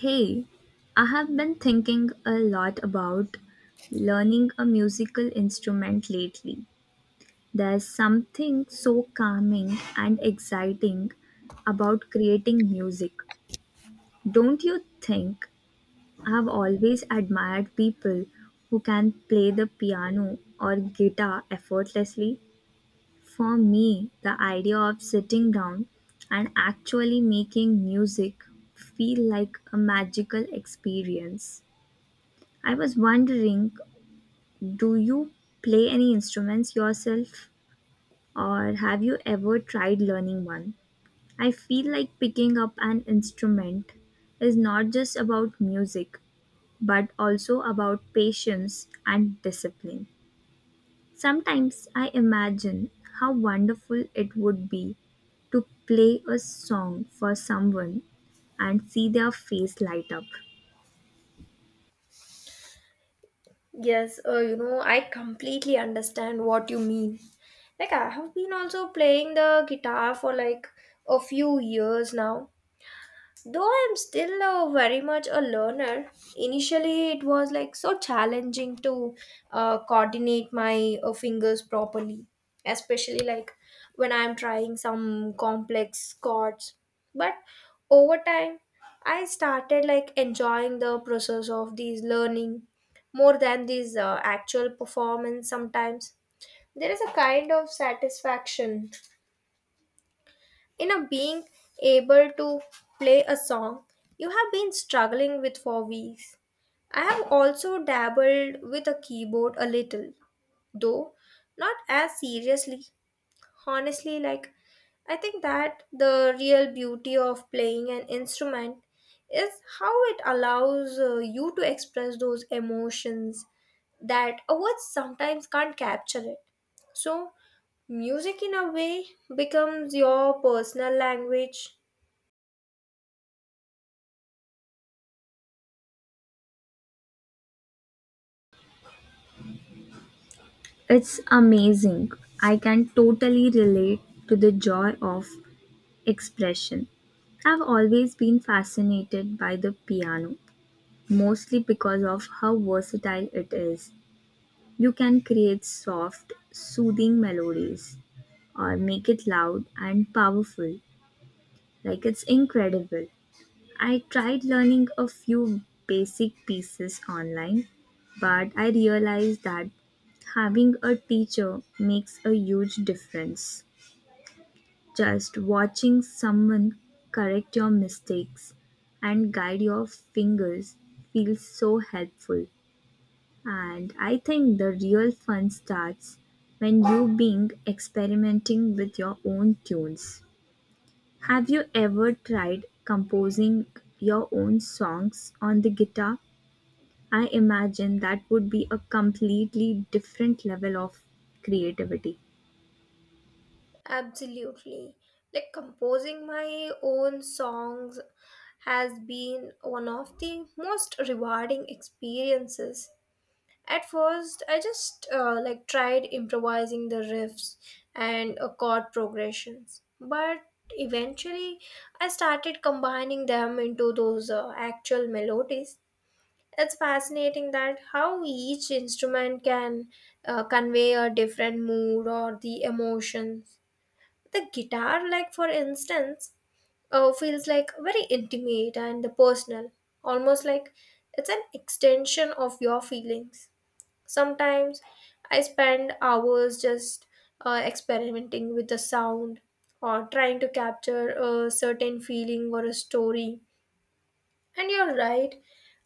Hey, I have been thinking a lot about learning a musical instrument lately. There's something so calming and exciting about creating music. Don't you think? I've always admired people who can play the piano or guitar effortlessly. For me, the idea of sitting down and actually making music feel like a magical experience. I was wondering, do you play any instruments yourself or have you ever tried learning one? I feel like picking up an instrument is not just about music but also about patience and discipline. Sometimes I imagine how wonderful it would be to play a song for someone and see their face light up. Yes, I completely understand what you mean. Like, I have been also playing the guitar for like a few years now, though I'm still very much a learner. Initially it was like so challenging to coordinate my fingers properly, especially like when I'm trying some complex chords. But over time, I started like enjoying the process of these learning more than these actual performance sometimes. There is a kind of satisfaction, you know, being able to play a song you have been struggling with for weeks. I have also dabbled with a keyboard a little, though not as seriously. Honestly, like I think that the real beauty of playing an instrument is how it allows you to express those emotions that a words sometimes can't capture it. So, music in a way becomes your personal language. It's amazing. I can totally relate to the joy of expression. I've always been fascinated by the piano, mostly because of how versatile it is. You can create soft, soothing melodies or make it loud and powerful. Like it's incredible. I tried learning a few basic pieces online, but I realized that having a teacher makes a huge difference. Just watching someone correct your mistakes and guide your fingers feels so helpful. And I think the real fun starts when you being experimenting with your own tunes. Have you ever tried composing your own songs on the guitar? I imagine that would be a completely different level of creativity. Absolutely. Like composing my own songs has been one of the most rewarding experiences. At first, I just like tried improvising the riffs and chord progressions, but eventually I started combining them into those actual melodies. It's fascinating that how each instrument can convey a different mood or the emotions. The guitar, like for instance, feels like very intimate and personal, almost like it's an extension of your feelings. Sometimes I spend hours just experimenting with the sound or trying to capture a certain feeling or a story. And you're right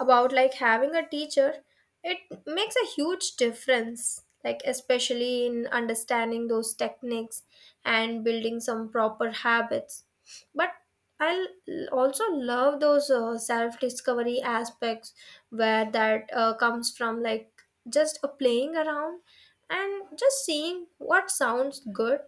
about like having a teacher. It makes a huge difference, like especially in understanding those techniques and building some proper habits. But I also love those self discovery aspects where that comes from, like just a playing around and just seeing what sounds good.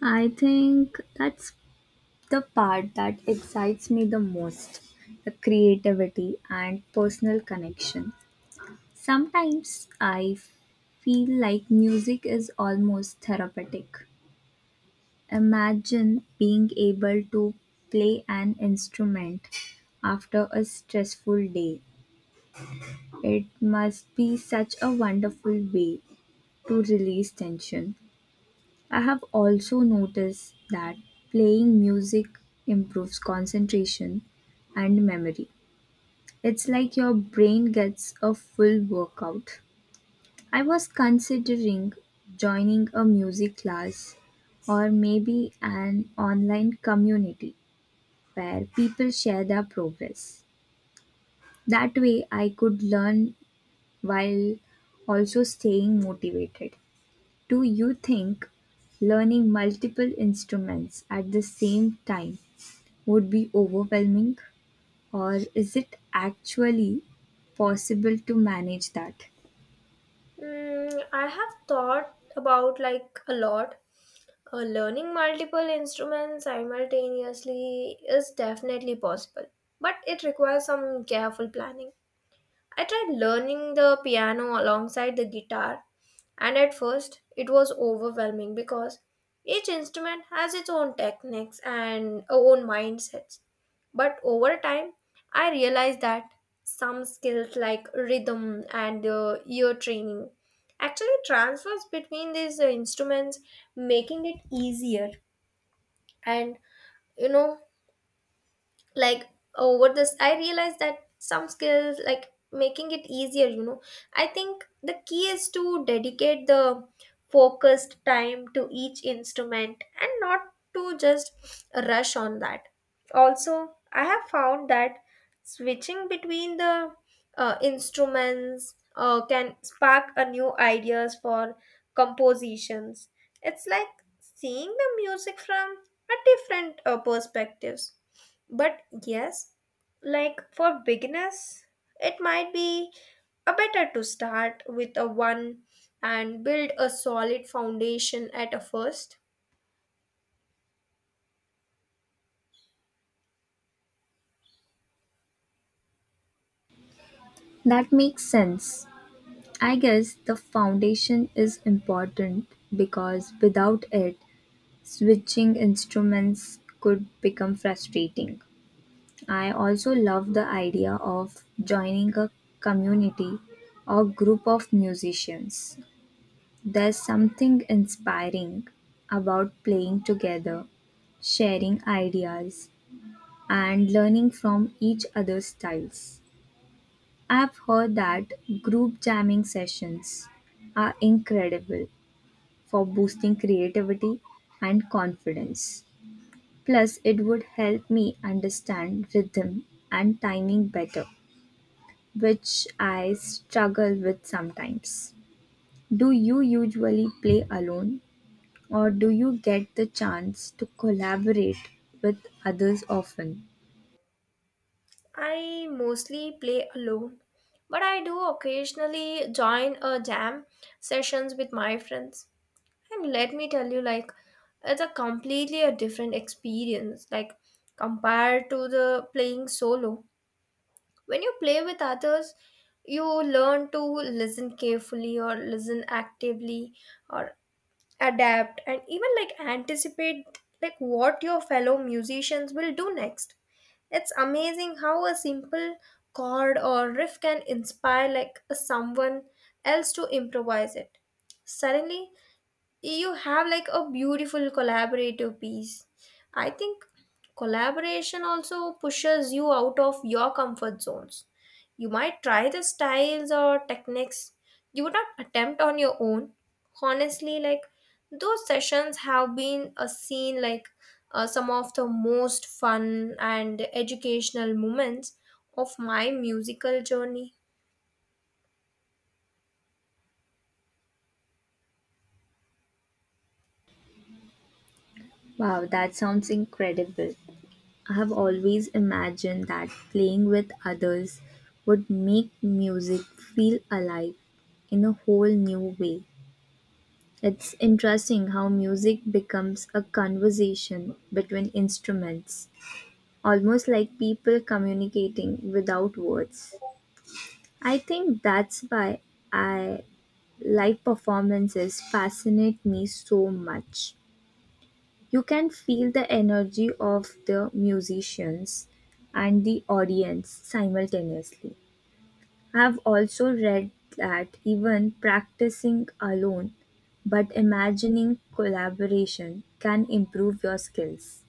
I think that's the part that excites me the most, the creativity and personal connection. Sometimes I feel like music is almost therapeutic. Imagine being able to play an instrument after a stressful day. It must be such a wonderful way to release tension. I have also noticed that playing music improves concentration and memory. It's like your brain gets a full workout. I was considering joining a music class or maybe an online community where people share their progress. That way, I could learn while also staying motivated. Do you think learning multiple instruments at the same time would be overwhelming, or is it actually possible to manage that? Mm, I have thought about like a lot. Learning multiple instruments simultaneously is definitely possible, but it requires some careful planning. I tried learning the piano alongside the guitar, and at first it was overwhelming because each instrument has its own techniques and own mindsets. But over time, I realized that some skills like rhythm and ear training actually transfers between these instruments, making it easier. And you know like over this I realized that some skills like making it easier, I think the key is to dedicate the focused time to each instrument and not to just rush on that. Also I have found that switching between the instruments can spark a new ideas for compositions. It's like seeing the music from a different perspectives. But yes, like for beginners, it might be a better to start with a one and build a solid foundation at a first. That makes sense. I guess the foundation is important because without it, switching instruments could become frustrating. I also love the idea of joining a community or group of musicians. There's something inspiring about playing together, sharing ideas, and learning from each other's styles. I've heard that group jamming sessions are incredible for boosting creativity and confidence. Plus, it would help me understand rhythm and timing better, which I struggle with sometimes. Do you usually play alone, or do you get the chance to collaborate with others often? I mostly play alone, but I do occasionally join a jam sessions with my friends. And let me tell you, like it's a completely a different experience, like compared to the playing solo. When you play with others, you learn to listen carefully or listen actively, or adapt and even like anticipate like what your fellow musicians will do next. It's amazing how a simple chord or riff can inspire like someone else to improvise it. Suddenly you have like a beautiful collaborative piece. I think collaboration also pushes you out of your comfort zones. You might try the styles or techniques you would not attempt on your own. Honestly, like those sessions have been a scene, like some of the most fun and educational moments of my musical journey. Wow, that sounds incredible. I have always imagined that playing with others would make music feel alive in a whole new way. It's interesting how music becomes a conversation between instruments, almost like people communicating without words. I think that's why I live performances fascinate me so much. You can feel the energy of the musicians and the audience simultaneously. I have also read that even practicing alone but imagining collaboration can improve your skills.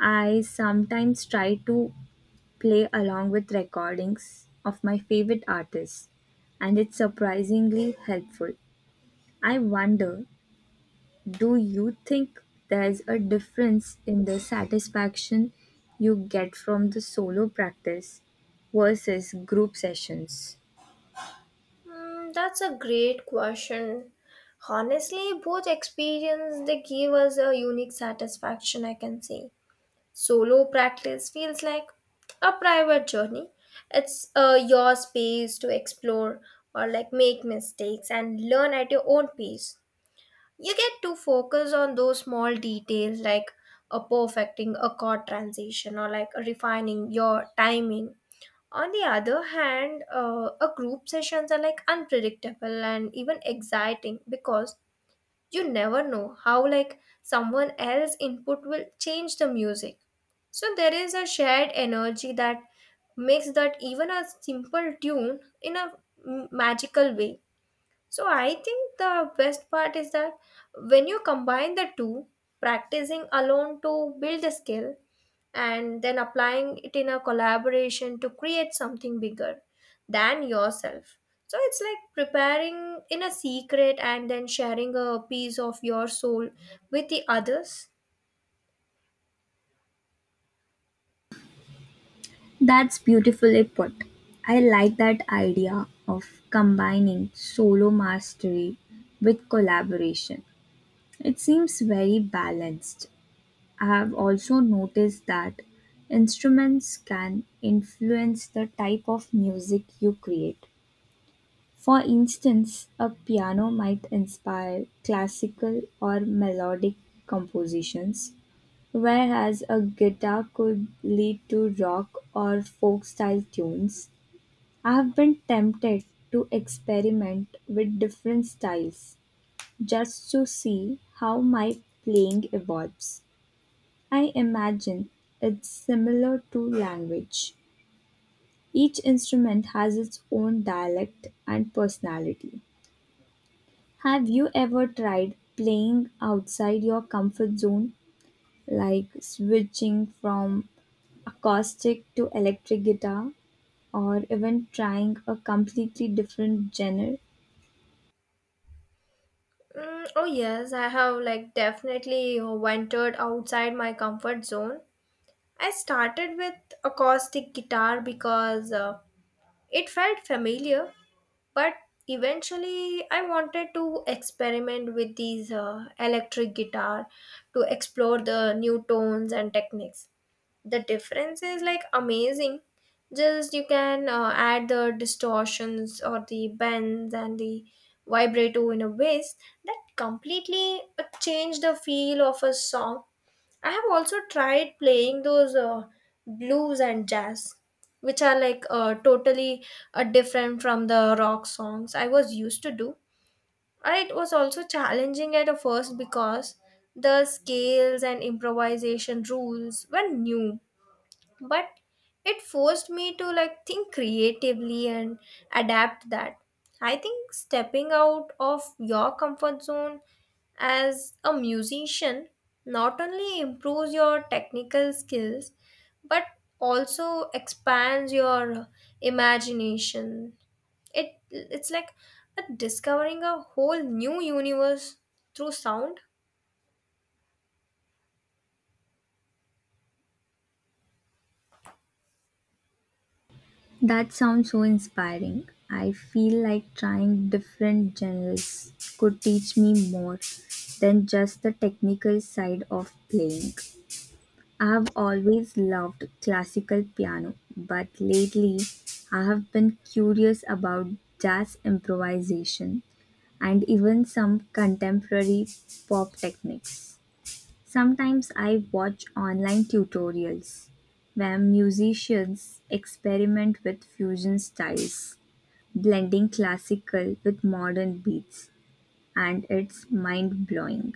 I sometimes try to play along with recordings of my favorite artists, and it's surprisingly helpful. I wonder, do you think there's a difference in the satisfaction you get from the solo practice versus group sessions? Hmm, that's a great question. Honestly, both experience they give us a unique satisfaction, I can say. Solo practice feels like a private journey. It's your space to explore or like make mistakes and learn at your own pace. You get to focus on those small details like a perfecting a chord transition or like refining your timing. On the other hand, a group sessions are like unpredictable and even exciting because you never know how like someone else's input will change the music. So there is a shared energy that makes that even a simple tune in a magical way. So I think the best part is that when you combine the two, practicing alone to build a skill and then applying it in a collaboration to create something bigger than yourself. So it's like preparing in a secret and then sharing a piece of your soul with the others. That's beautifully put. I like that idea of combining solo mastery with collaboration. It seems very balanced. I have also noticed that instruments can influence the type of music you create. For instance, a piano might inspire classical or melodic compositions, whereas a guitar could lead to rock or folk style tunes. I have been tempted to experiment with different styles just to see how my playing evolves. I imagine it's similar to language. Each instrument has its own dialect and personality. Have you ever tried playing outside your comfort zone, like switching from acoustic to electric guitar, or even trying a completely different genre? Mm, oh yes, I have like definitely ventured outside my comfort zone. I started with acoustic guitar because it felt familiar, but eventually I wanted to experiment with these electric guitar to explore the new tones and techniques. The difference is like amazing. Just you can add the distortions or the bends and the vibrato in a ways that completely change the feel of a song. I have also tried playing those blues and jazz, which are like totally different from the rock songs I was used to do. It was also challenging at a first because the scales and improvisation rules were new. But it forced me to like think creatively and adapt that. I think stepping out of your comfort zone as a musician not only improves your technical skills but also expands your imagination. It's like a discovering a whole new universe through sound. That sounds so inspiring. I feel like trying different genres could teach me more than just the technical side of playing. I have always loved classical piano, but lately I have been curious about jazz improvisation and even some contemporary pop techniques. Sometimes I watch online tutorials where musicians experiment with fusion styles, blending classical with modern beats, and it's mind blowing.